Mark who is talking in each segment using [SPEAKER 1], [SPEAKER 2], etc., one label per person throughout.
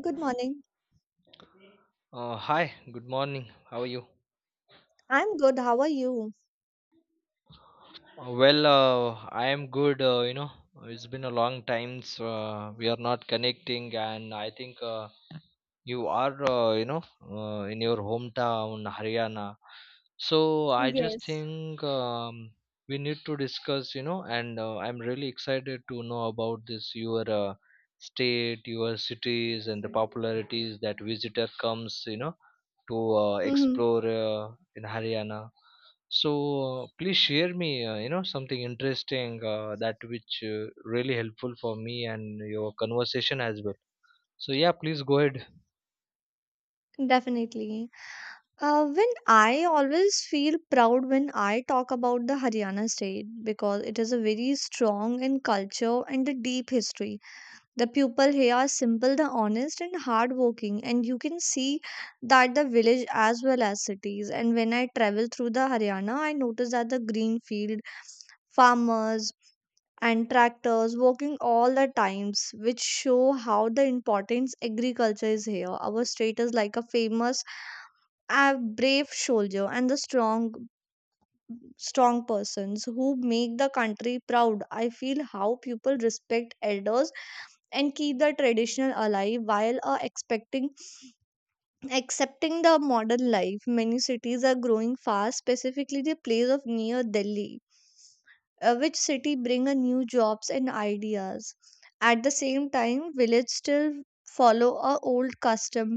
[SPEAKER 1] Good morning.
[SPEAKER 2] Hi, good morning. How are you?
[SPEAKER 1] I'm good. How are you?
[SPEAKER 2] Well, I am good. It's been a long time, so we are not connecting, and I think you are in your hometown Haryana, so I just
[SPEAKER 1] Yes.
[SPEAKER 2] think we need to discuss, and I'm really excited to know about this your state, your cities, and the popularities that visitor comes to
[SPEAKER 1] Mhm.
[SPEAKER 2] explore in Haryana. So please share me, something interesting, that which really helpful for me and your conversation as well. So yeah, please go ahead.
[SPEAKER 1] Definitely. When I always feel proud when I talk about the Haryana state because it is a very strong in culture and a deep history. The people here are simple, the honest, and hardworking, and you can see that the village as well as cities. And when I travel through the Haryana, I notice that the green field, farmers, and tractors working all the times which show how the importance agriculture is here our state is like a famous a brave soldier and the strong persons who make the country proud. I feel how people respect elders and keep the traditional alive while expecting accepting the modern life. Many cities are growing fast, specifically the place of near Delhi, which city bring a new jobs and ideas. At the same time village still follow a old custom,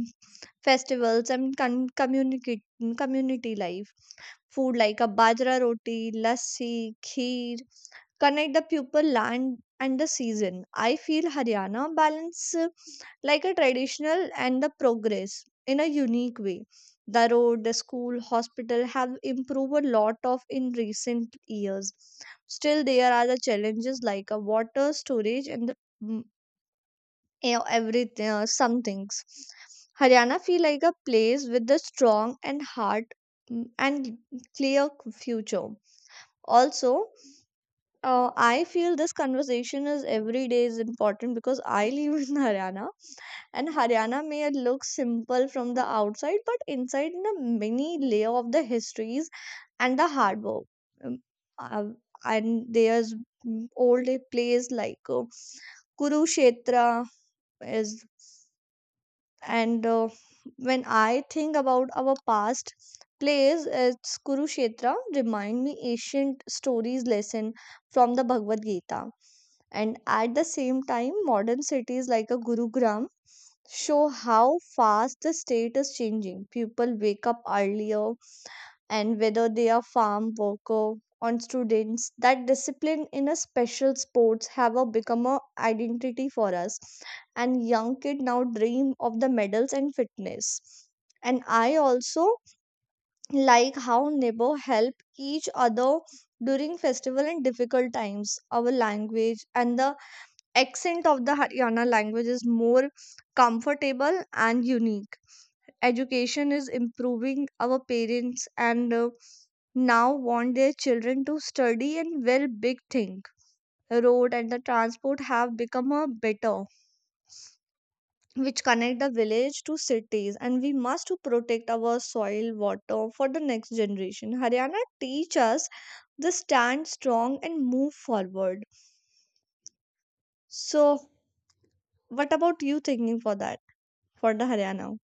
[SPEAKER 1] festivals and communicate, community life, food like a bajra roti, lassi, kheer, connect the pupil land and the season. I feel Haryana balance like a traditional and the progress in a unique way. The road, the school, hospital have improved a lot of in recent years. Still, there are the challenges like a water storage and mm, you know, everything, some things. Haryana feel like a place with a strong and hard and clear future. Also, I feel this conversation is every day is important because I live in Haryana, and Haryana may look simple from the outside, but inside the many layer of the histories and the hard work. Um, uh, and there's old place like Kurukshetra is, and When I think about our past place, it's Kurukshetra remind me ancient stories lesson from the Bhagavad Gita. And at the same time, modern cities like a Gurugram show how fast the state is changing. People wake up earlier, and whether they are farm worker or students, that discipline in a special sports have a become a identity for us. And young kid now dream of the medals and fitness. And I also like how neighbor help each other during festival and difficult times. Our language and the accent of the Haryana language is more comfortable and unique. Education is improving. Our parents and now want their children to study and well big thing. Road and the transport have become a better, which connect the village to cities. And we must to protect our soil, water for the next generation. Haryana teach us to stand strong and move forward. So, what about you thinking for that for the Haryana?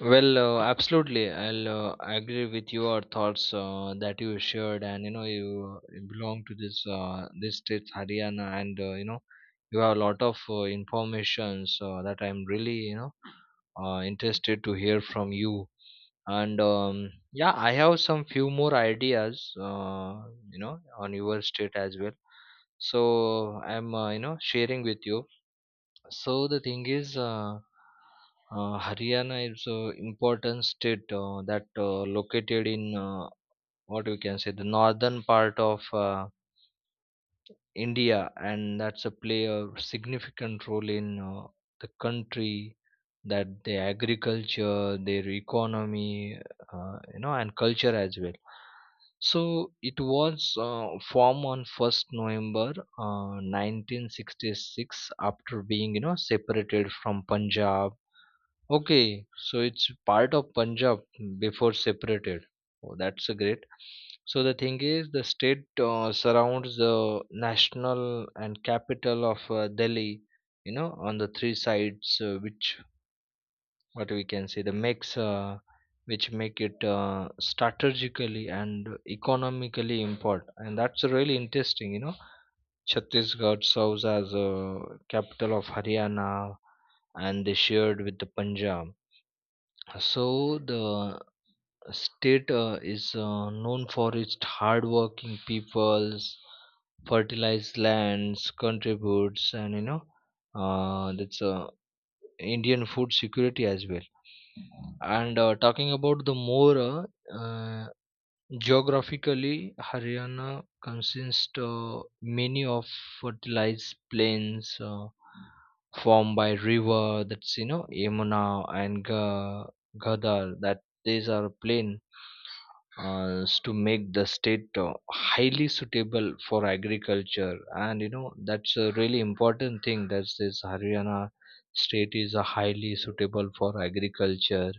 [SPEAKER 2] Well, absolutely. I'll agree with your thoughts that you shared, and you belong to this state Haryana, and you have a lot of informations that I'm really interested to hear from you. And yeah, I have some few more ideas, on your state as well. So I'm sharing with you. So the thing is, Haryana is an important state that located in what we can say the northern part of India, and that's a play a significant role in the country, that their agriculture, their economy, and culture as well. So it was formed on 1st November 1966 after being separated from Punjab. Okay, so it's part of Punjab before separated. Oh, that's a great. So the thing is, the state surrounds the national and capital of Delhi. On the three sides, which what we can say the makes, which make it strategically and economically important, and that's really interesting. Chhattisgarh serves as a capital of Haryana, and they shared with the Punjab. So the state is known for its hardworking peoples, fertilized lands, contributes, and that's Indian food security as well. And talking about the more, uh, uh, geographically, Haryana consists many of fertilized plains formed by river. That's you know Yamuna and Ghadar. That these are plain to make the state highly suitable for agriculture. And that's a really important thing. That this Haryana state is highly suitable for agriculture.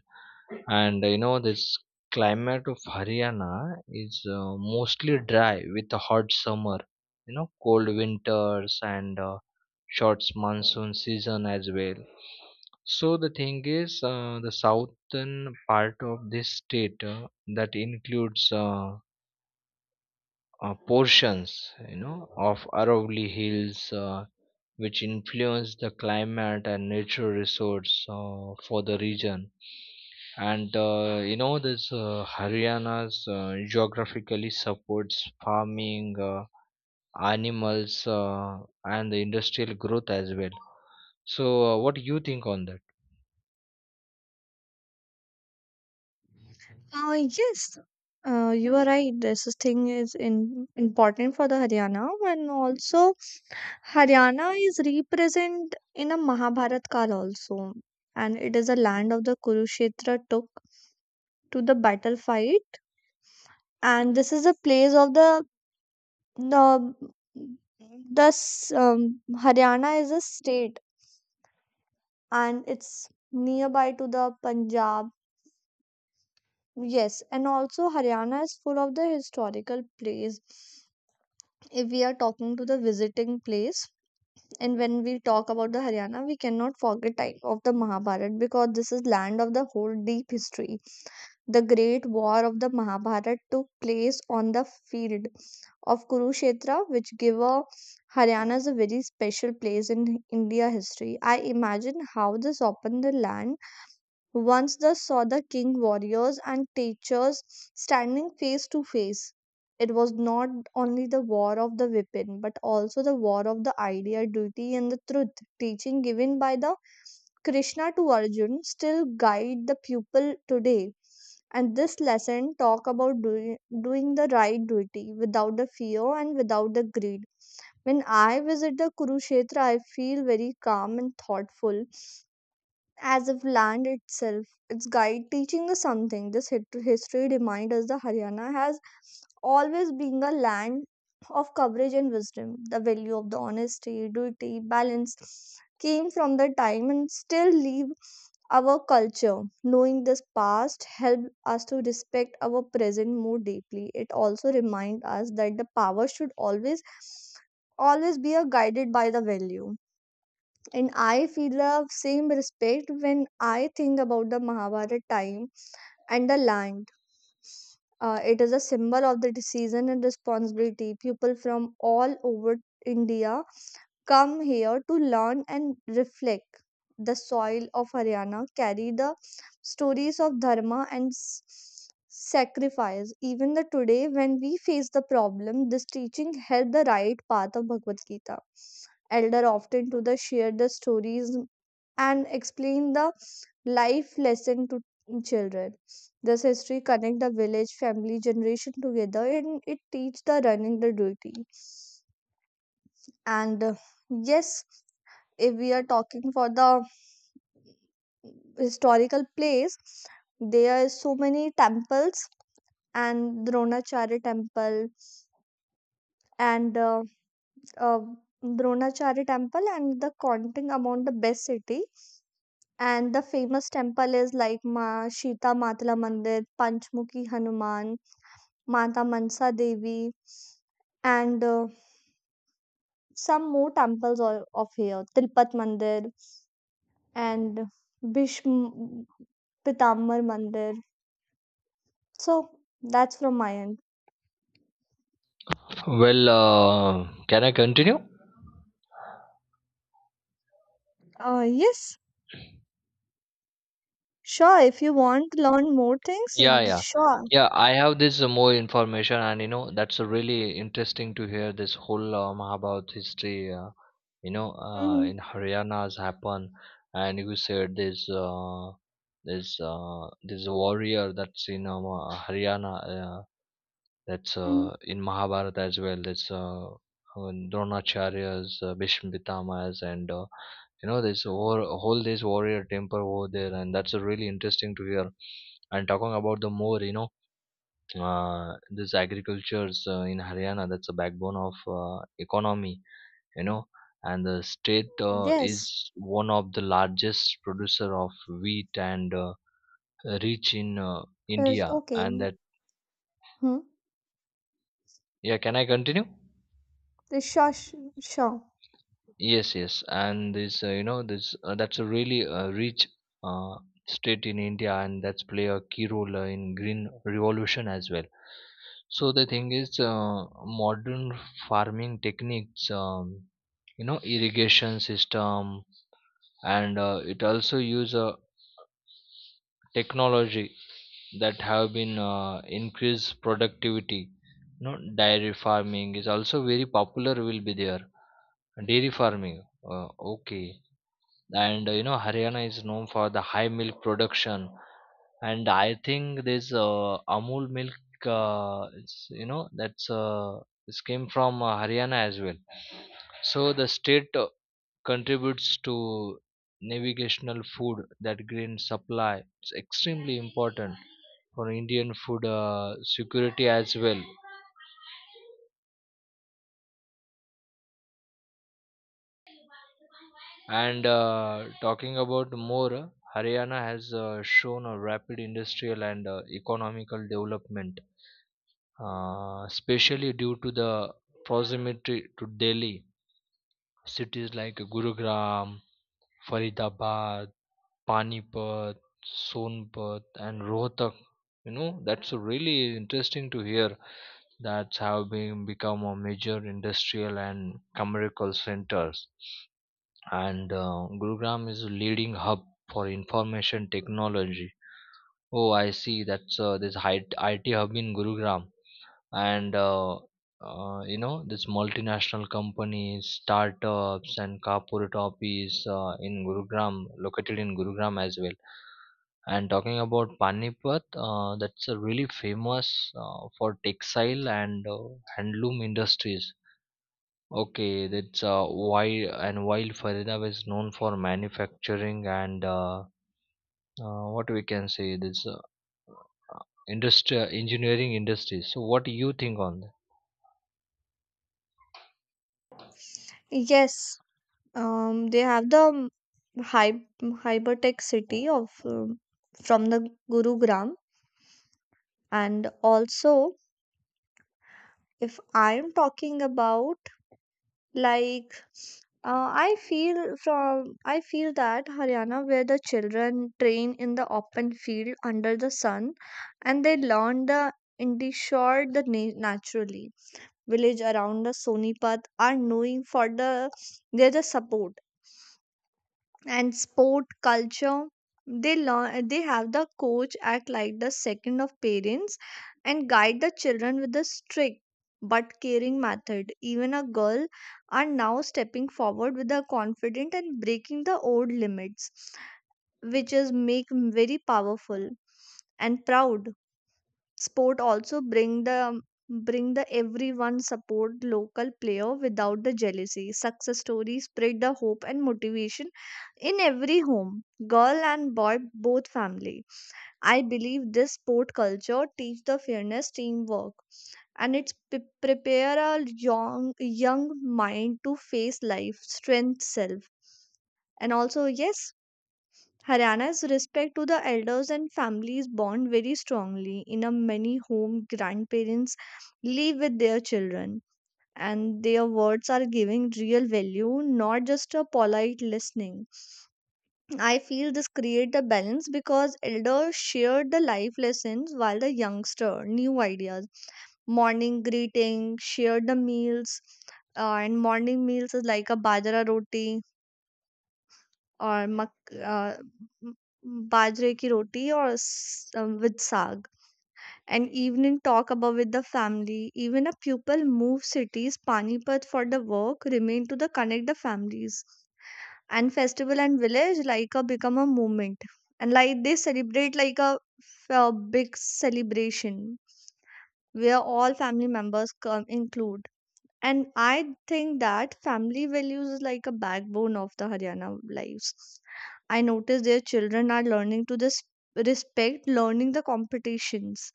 [SPEAKER 2] And this climate of Haryana is mostly dry with a hot summer, cold winters, and short monsoon season as well. So the thing is, the southern part of this state that includes portions, of Aravalli Hills. Which influence the climate and nature resource for the region. And this Haryana's geographically supports farming, animals, and the industrial growth as well. So, what do you think on that?
[SPEAKER 1] Uh, yes, you are right. This is thing is in, important for the Haryana, and also Haryana is represent in a Mahabharat Kal also, and it is a land of the Kurukshetra took to the battle fight, and this is a place of the thus Haryana is a state, and it's nearby to the Punjab. Yes, and also Haryana is full of the historical place if we are talking to the visiting place. And when we talk about the Haryana we cannot forget time of the Mahabharat because this is land of the whole deep history. The great war of the Mahabharat took place on the field of Kurukshetra which give a Haryana is a very special place in India history. I imagine how this opened the land once they saw the king warriors and teachers standing face to face. It was not only the war of the weapon, but also the war of the idea, duty, and the truth. Teaching given by the Krishna to Arjun still guide the pupil today. And this lesson talk about doing the right duty without the fear and without the greed. When I visit the Kurukshetra, I feel very calm and thoughtful as if land itself, its guide teaching us something. This history reminds us that Haryana has always been a land of coverage and wisdom. The value of the honesty, duty, balance came from the time and still leave our culture. Knowing this past helped us to respect our present more deeply. It also reminds us that the power should always be a guided by the value. And I feel the same respect when I think about the Mahabharata time and the land. It is a symbol of the decision and responsibility. People from all over India come here to learn and reflect. The soil of Haryana carry the stories of dharma and sacrifice. Even the today, when we face the problem, this teaching held the right path of Bhagavad Gita. Elder often to the share the stories and explain the life lesson to children. This history connect the village family generation together and it teach the running the duty. And yes, if we are talking for the historical place there is so many temples and Dronacharya temple and uh, Dronacharya temple and the counting among the best city. And the famous temple is like Ma Shita Matla Mandir, Panchmukhi Hanuman, Mata Mansa Devi, and some more temples of here Tilpat Mandir and Bhishm Pitambar Mandir. So that's from my end.
[SPEAKER 2] Well, can I continue?
[SPEAKER 1] Yes, sure. If you want to learn more things,
[SPEAKER 2] Yeah, yeah.
[SPEAKER 1] sure.
[SPEAKER 2] Yeah, I have this more information, and that's really interesting to hear this whole Mahabharata history,
[SPEAKER 1] Mm-hmm.
[SPEAKER 2] in Haryana's happen. And you said this warrior that's in Haryana. That's
[SPEAKER 1] Hmm.
[SPEAKER 2] in Mahabharata as well. That's Dronacharya's, Bhishma Pitamaya's, and this war, whole this warrior temper over there, and that's really interesting to hear. And talking about the more, this agricultures in Haryana, that's a backbone of economy, you know, and the state
[SPEAKER 1] Yes.
[SPEAKER 2] is one of the largest producer of wheat and rich in
[SPEAKER 1] Uh,
[SPEAKER 2] India,
[SPEAKER 1] okay.
[SPEAKER 2] and that.
[SPEAKER 1] Hmm.
[SPEAKER 2] Yeah, can I continue?
[SPEAKER 1] Sure, sh- sure.
[SPEAKER 2] Yes, yes, and this that's a really rich uh, state in India, and that's play a key role in green revolution as well. So the thing is, modern farming techniques, irrigation system, and it also use technology that have been increased productivity. Dairy farming is also very popular. Will be there dairy farming. Okay, and Haryana is known for the high milk production, and I think this Amul milk, it's, you know that's this came from Haryana as well. So the state contributes to navigational food that grain supply, it's extremely important for Indian food security as well. And talking about more, Haryana has shown a rapid industrial and economical development, especially due to the proximity to Delhi. Cities like Gurugram, Faridabad, Panipat, Sonpat, and Rohtak. That's really interesting to hear that have been become a major industrial and commercial centers. And Gurugram is a leading hub for information technology. Oh, I see. That's this IT hub in Gurugram. And this multinational companies startups and corporate office in gurugram located in gurugram as well. And talking about panipat, that's a really famous for textile and handloom industries. Okay, that's why. And while faridabad is known for manufacturing and what we can say this industry engineering industries. So what do you think on that?
[SPEAKER 1] Yes. They have the hypertech city of from the Gurugram, and also if I am talking about Like I feel that Haryana where the children train in the open field under the sun and they learn the Indishore the naturally. Village around the Sonipat are knowing for the they're the support and sport culture. They learn they have the coach act like the second of parents and guide the children with a strict but caring method. Even a girl are now stepping forward with a confident and breaking the old limits which is make very powerful and proud. Sport also bring the everyone support local player without the jealousy. Success stories spread the hope and motivation in every home, girl and boy both family. I believe this sport culture teach the fairness teamwork and it's prepare a young mind to face life strength self. And also yes, Haryana's respect to the elders and families bond very strongly. In a many home, grandparents live with their children, and their words are giving real value, not just a polite listening. I feel this create the balance because elders share the life lessons while the youngster new ideas. Morning greeting, share the meals, and morning meals is like a bajra roti और मक uh, m- bajre ki roti or with saag. An evening talk about with the family, even a pupil move cities Panipat for the work remain to the connect the families. And festival and village like a become a movement. And like they celebrate like a, a big celebration where all family members come include. And I think that family values is like a backbone of the Haryana lives. I notice their children are learning to this respect, learning the competitions.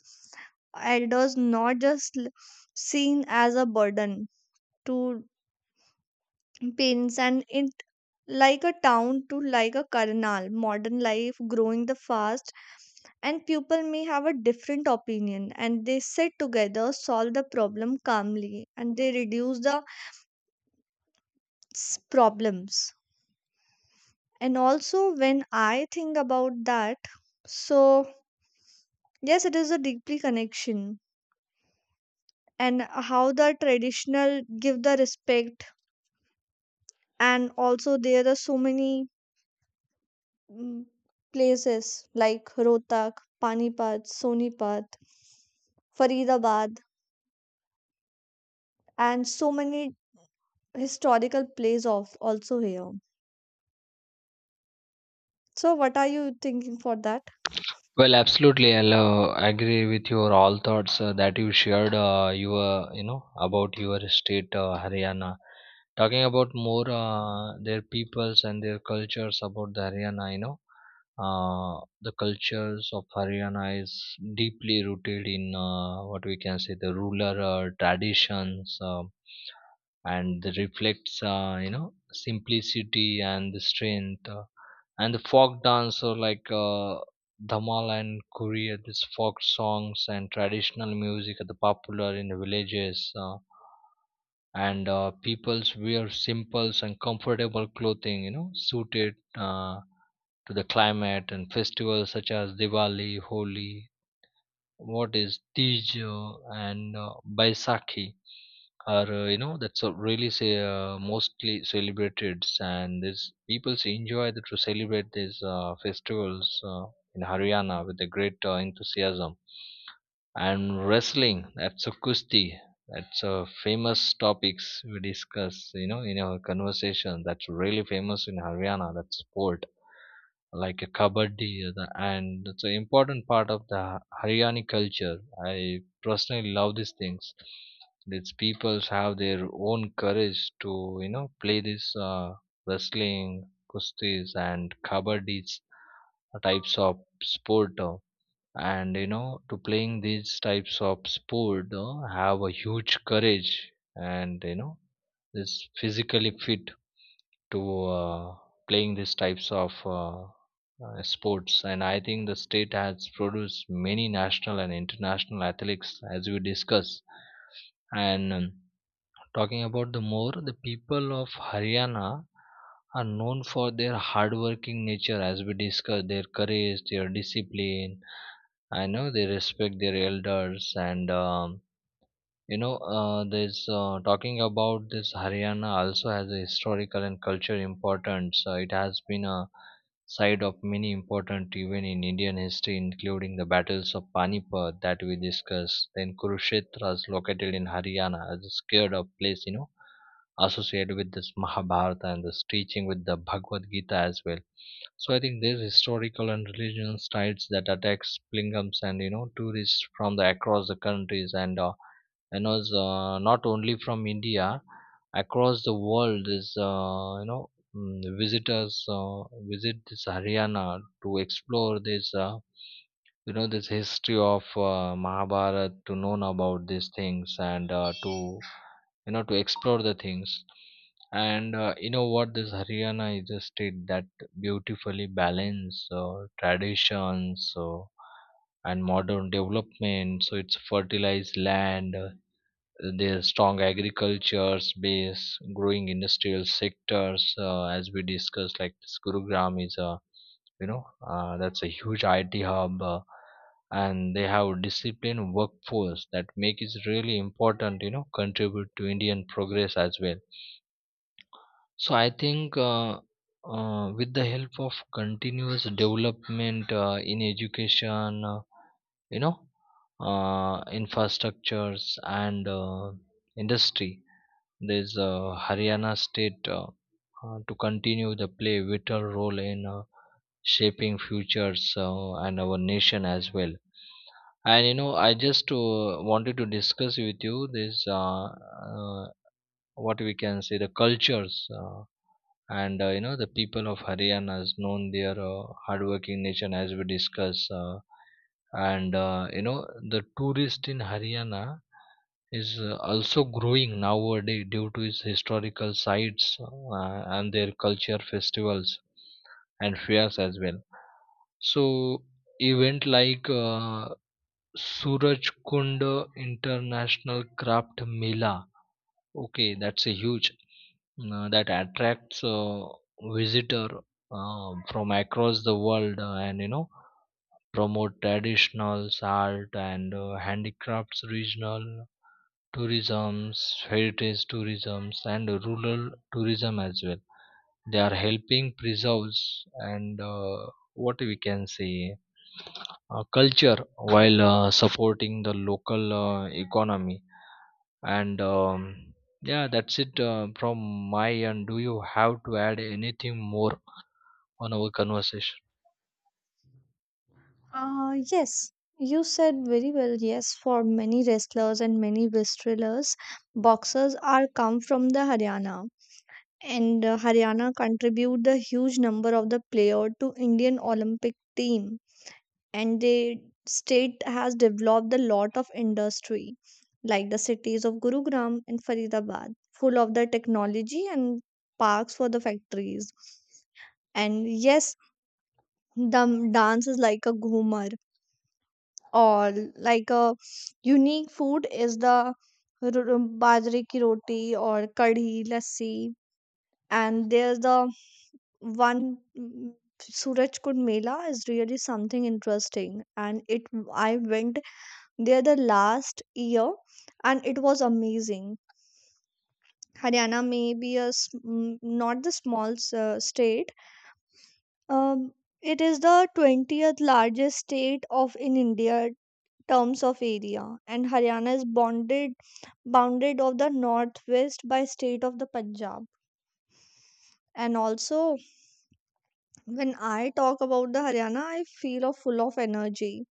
[SPEAKER 1] Elders not just seen as a burden to parents. And it like a town to like a Karnal. Modern life growing the fast and people may have a different opinion and they sit together, solve the problem calmly and they reduce the problems. And also when I think about that, so yes it is a deeply connection and how the traditional give the respect. And also there are so many mm, places like Rohtak, Panipat, Sonipat, Faridabad, and so many historical places of also here. So what are you thinking for that?
[SPEAKER 2] Well, absolutely. I'll agree with your all thoughts that you shared. Your about your state, Haryana. Talking about more, their peoples and their cultures about the Haryana. The cultures of Haryana is deeply rooted in what we can say the rural traditions. And the reflects simplicity and the strength, and the folk dance or like Dhamal and Kuri, these folk songs and traditional music are the popular in the villages. And peoples wear simple and comfortable clothing, suited to the climate and festivals such as Diwali, Holi, what is Tij, and Baisakhi are that's a really say mostly celebrated, and these people enjoy the, to celebrate these festivals in Haryana with a great enthusiasm. And wrestling, that's a kusti, that's a famous topics we discuss in our conversation, that's really famous in Haryana, that sport like a kabaddi, and it's an important part of the Haryani culture. I personally love these things. These peoples have their own courage to play this wrestling, kustis and kabaddi types of sport, and to playing these types of sport have a huge courage, and is physically fit to playing these types of sports. And I think the state has produced many national and international athletes, as we discuss. And talking about the more, the people of Haryana are known for their hardworking nature, as we discussed, their courage, their discipline. I know they respect their elders. And this talking about this Haryana also has a historical and cultural importance. It has been a site of many important events in Indian history, including the battles of Panipat that we discussed. Then Kurukshetra is located in Haryana as a scared of place, associated with this Mahabharata and this teaching with the Bhagavad Gita as well. So I think these historical and religious sites that attracts pilgrims and tourists from the across the countries, and is, not only from India, across the world is, visitors visit this Haryana to explore this you know this history of Mahabharata to know about these things, and to to explore the things. And what this Haryana is a state that beautifully balance traditions, and modern development, so it's fertilized land, their strong agricultures base, growing industrial sectors, as we discussed, like this Gurugram is a that's a huge IT hub, and they have disciplined workforce that make it really important, contribute to Indian progress as well. So I think. With the help of continuous development in education, you know, infrastructures and industry, there's Haryana state to continue the play vital role in shaping futures, and our nation as well. I just wanted to discuss with you this what we can say the cultures, and you know the people of Haryana has known their hardworking nation, as we discuss. And you know the tourist in Haryana is also growing nowadays due to its historical sites, and their culture festivals and fairs as well. So event like Suraj Kund International Craft Mela, okay, that's a huge, that attracts visitor from across the world, and promote traditionals art, and handicrafts, regional tourisms, heritage tourisms, and rural tourism as well. They are helping preserves, and what we can say, culture while supporting the local economy. And yeah, that's it from my end. Do you have to add anything more on our conversation?
[SPEAKER 1] Yes, you said very well. Yes, for many wrestlers, boxers are come from the Haryana. And Haryana contribute the huge number of the player to Indian Olympic team, and the state has developed a lot of industry, like the cities of Gurugram and Faridabad, full of the technology and parks for the factories. And yes, the dance is like a ghumar. Or like a unique food is the ro- ro- bajre ki roti or kadhi lassi. And there's the one Suraj Kund Mela is really something interesting and it I went there the last year and it was amazing. Haryana may be a not the small state. Um, it is the 20th largest state of in India terms of area. And Haryana is bonded bounded of the northwest by state of the Punjab. And also when I talk about the Haryana I feel of full of energy,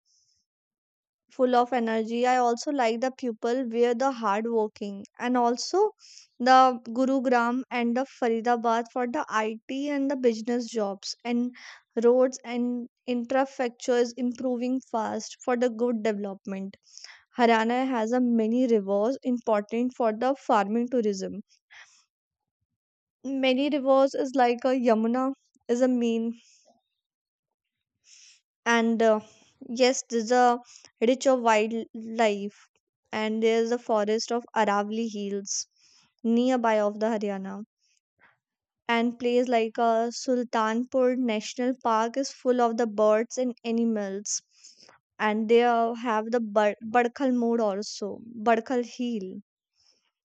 [SPEAKER 1] I also like the people where the hard working. And also the Gurugram and the Faridabad for the IT and the business jobs and roads and infrastructure is improving fast for the good development. Haryana has a many rivers important for the farming tourism. Many rivers is like a Yamuna is a main and yes, there's a rich of wildlife and there's a forest of Aravali Hills nearby of the Haryana. And place like Sultanpur National Park is full of the birds and animals. And they have the Badkhal mode also, Badkhal Hill.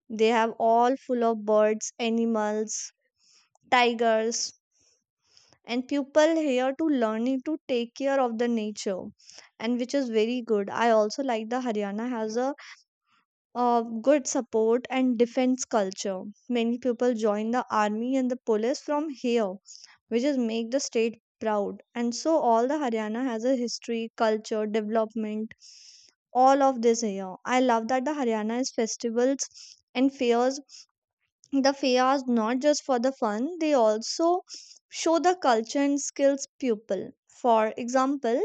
[SPEAKER 1] They have all full of birds, animals, tigers, and people here to learning to take care of the nature, and which is very good. I also like the Haryana has a good support and defense culture. Many people join the army and the police from here, which is make the state proud. And so all the Haryana has a history, culture, development, all of this here. I love that the Haryana is festivals and fairs, the fairs not just for the fun, they also show the culture and skills pupil. For example,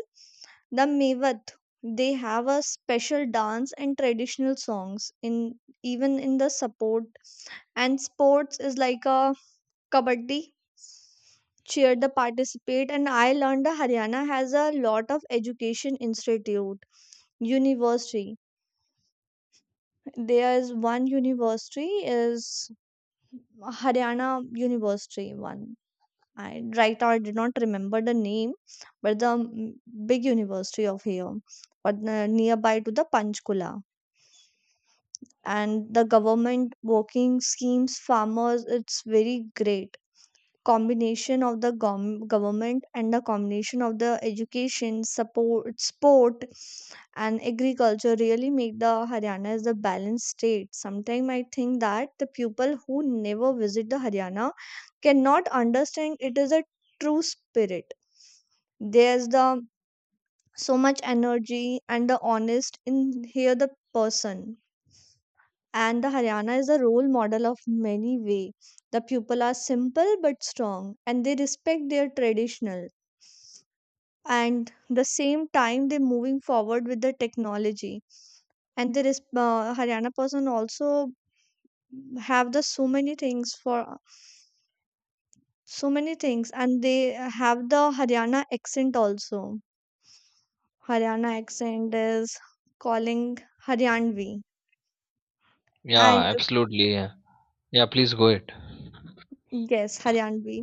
[SPEAKER 1] the mevat, they have a special dance and traditional songs in, even in the support, and sports is like a kabaddi, cheer the participate. And I learned that Haryana has a lot of education institute, university. There is one university is Haryana university one, and right now I did not remember the name, but the big university of here, but nearby to the Panchkula. And the government working schemes, farmers, it's very great combination of the government and the combination of the education support sport and agriculture really make the Haryana as a balanced state. Sometimes I think that the people who never visit the Haryana cannot understand it is a true spirit. There's the so much energy and the honest in here, the person, and the Haryana is a role model of many way. The people are simple but strong and they respect their traditional, and the same time they're moving forward with the technology. And there is Haryana person also have the so many things for so many things, and they have the Haryana accent also. Haryana accent is calling Haryanvi.
[SPEAKER 2] Yeah,
[SPEAKER 1] And
[SPEAKER 2] absolutely. Yeah, yeah, please go ahead.
[SPEAKER 1] yes, Haryanvi.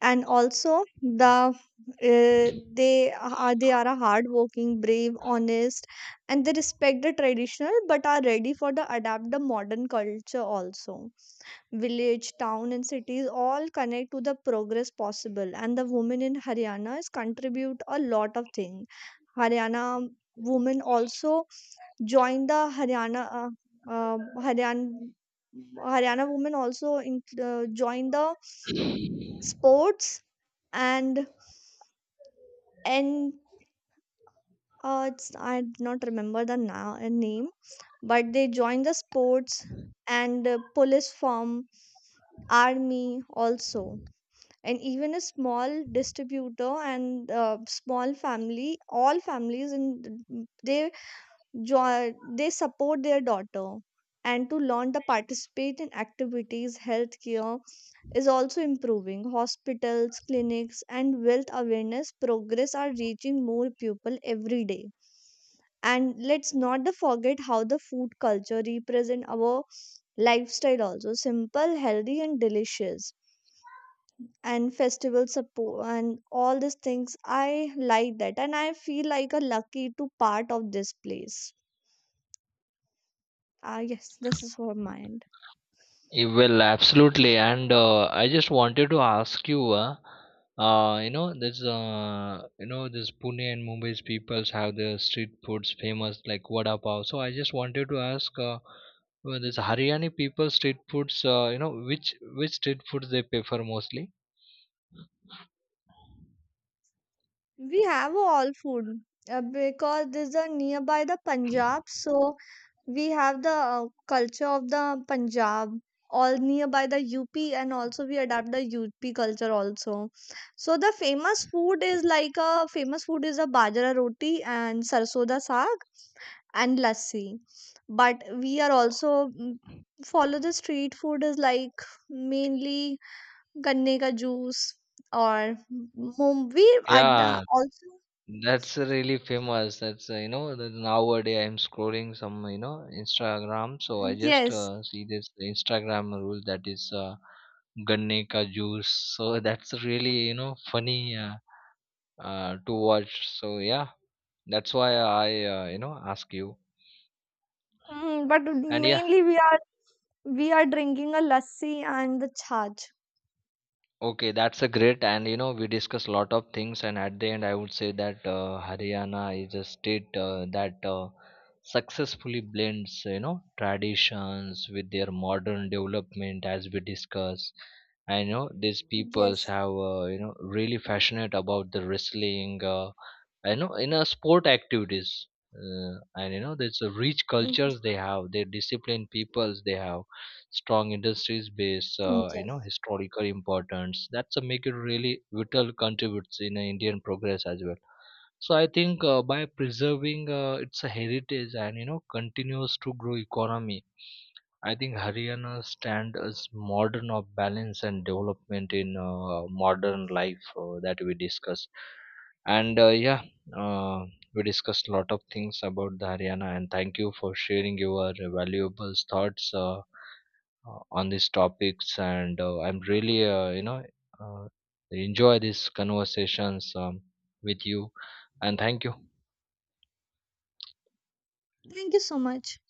[SPEAKER 1] And also the uh, they are a hardworking, brave, honest, and they respect the traditional but are ready for the adapt the modern culture also. Village, town, and cities all connect to the progress possible, and the women in Haryana is contribute a lot of things. Haryana women also join the Haryana Haryana Haryana women also in, join the sports and and it's, I do not remember the name, but they joined the sports and police form, army also, and even a small distributor and small family. All families in they join, they support their daughter and to learn the participate in activities, healthcare is also improving. Hospitals, clinics, and wealth awareness progress are reaching more people every day. And let's not the forget how the food culture represent our lifestyle also. Simple, healthy, and delicious. And festival support and all these things. I like that. And I feel like a lucky to part of this place. Ah yes, this is for mine.
[SPEAKER 2] Well, absolutely, and I just wanted to ask you, this Pune and Mumbai's peoples have their street foods famous like vada pav. So I just wanted to ask, well, this Haryani people street foods, which street foods they prefer mostly?
[SPEAKER 1] We have all food because this is nearby the Punjab, so we have the culture of the Punjab, all nearby the UP, and also we adapt the UP culture also. So the famous food is like a famous food is a bajra roti and sarson da saag and lassi, but we are also follow the street food is like mainly ganne ka juice or mum we are the-
[SPEAKER 2] Yeah,
[SPEAKER 1] also
[SPEAKER 2] that's really famous. That's that nowadays I'm scrolling some Instagram, so I just
[SPEAKER 1] Yes.
[SPEAKER 2] see this Instagram rule that is ganne ka juice. So that's really funny, to watch. So yeah, that's why I ask you.
[SPEAKER 1] But
[SPEAKER 2] And yeah,
[SPEAKER 1] mainly we are drinking a lassi and the chaj.
[SPEAKER 2] okay, that's a great, and we discuss a lot of things, and at the end, I would say that Haryana is a state that successfully blends, traditions with their modern development, as we discuss. I know, these peoples
[SPEAKER 1] Yes.
[SPEAKER 2] have, really passionate about the wrestling, in a sport activities. There's a rich
[SPEAKER 1] Mm,
[SPEAKER 2] cultures they have, their disciplined peoples they have strong industries base,
[SPEAKER 1] yes.
[SPEAKER 2] historical importance that's a make it really vital contributes in Indian progress as well. So I think, by preserving its heritage and continues to grow economy. I think Haryana stand as modern of balance and development in modern life, that we discuss. And yeah, uh, we discussed a lot of things about the Haryana, and thank you for sharing your valuable thoughts, on these topics. And I'm really uh, enjoy these conversations, with you. And thank you.
[SPEAKER 1] Thank you so much.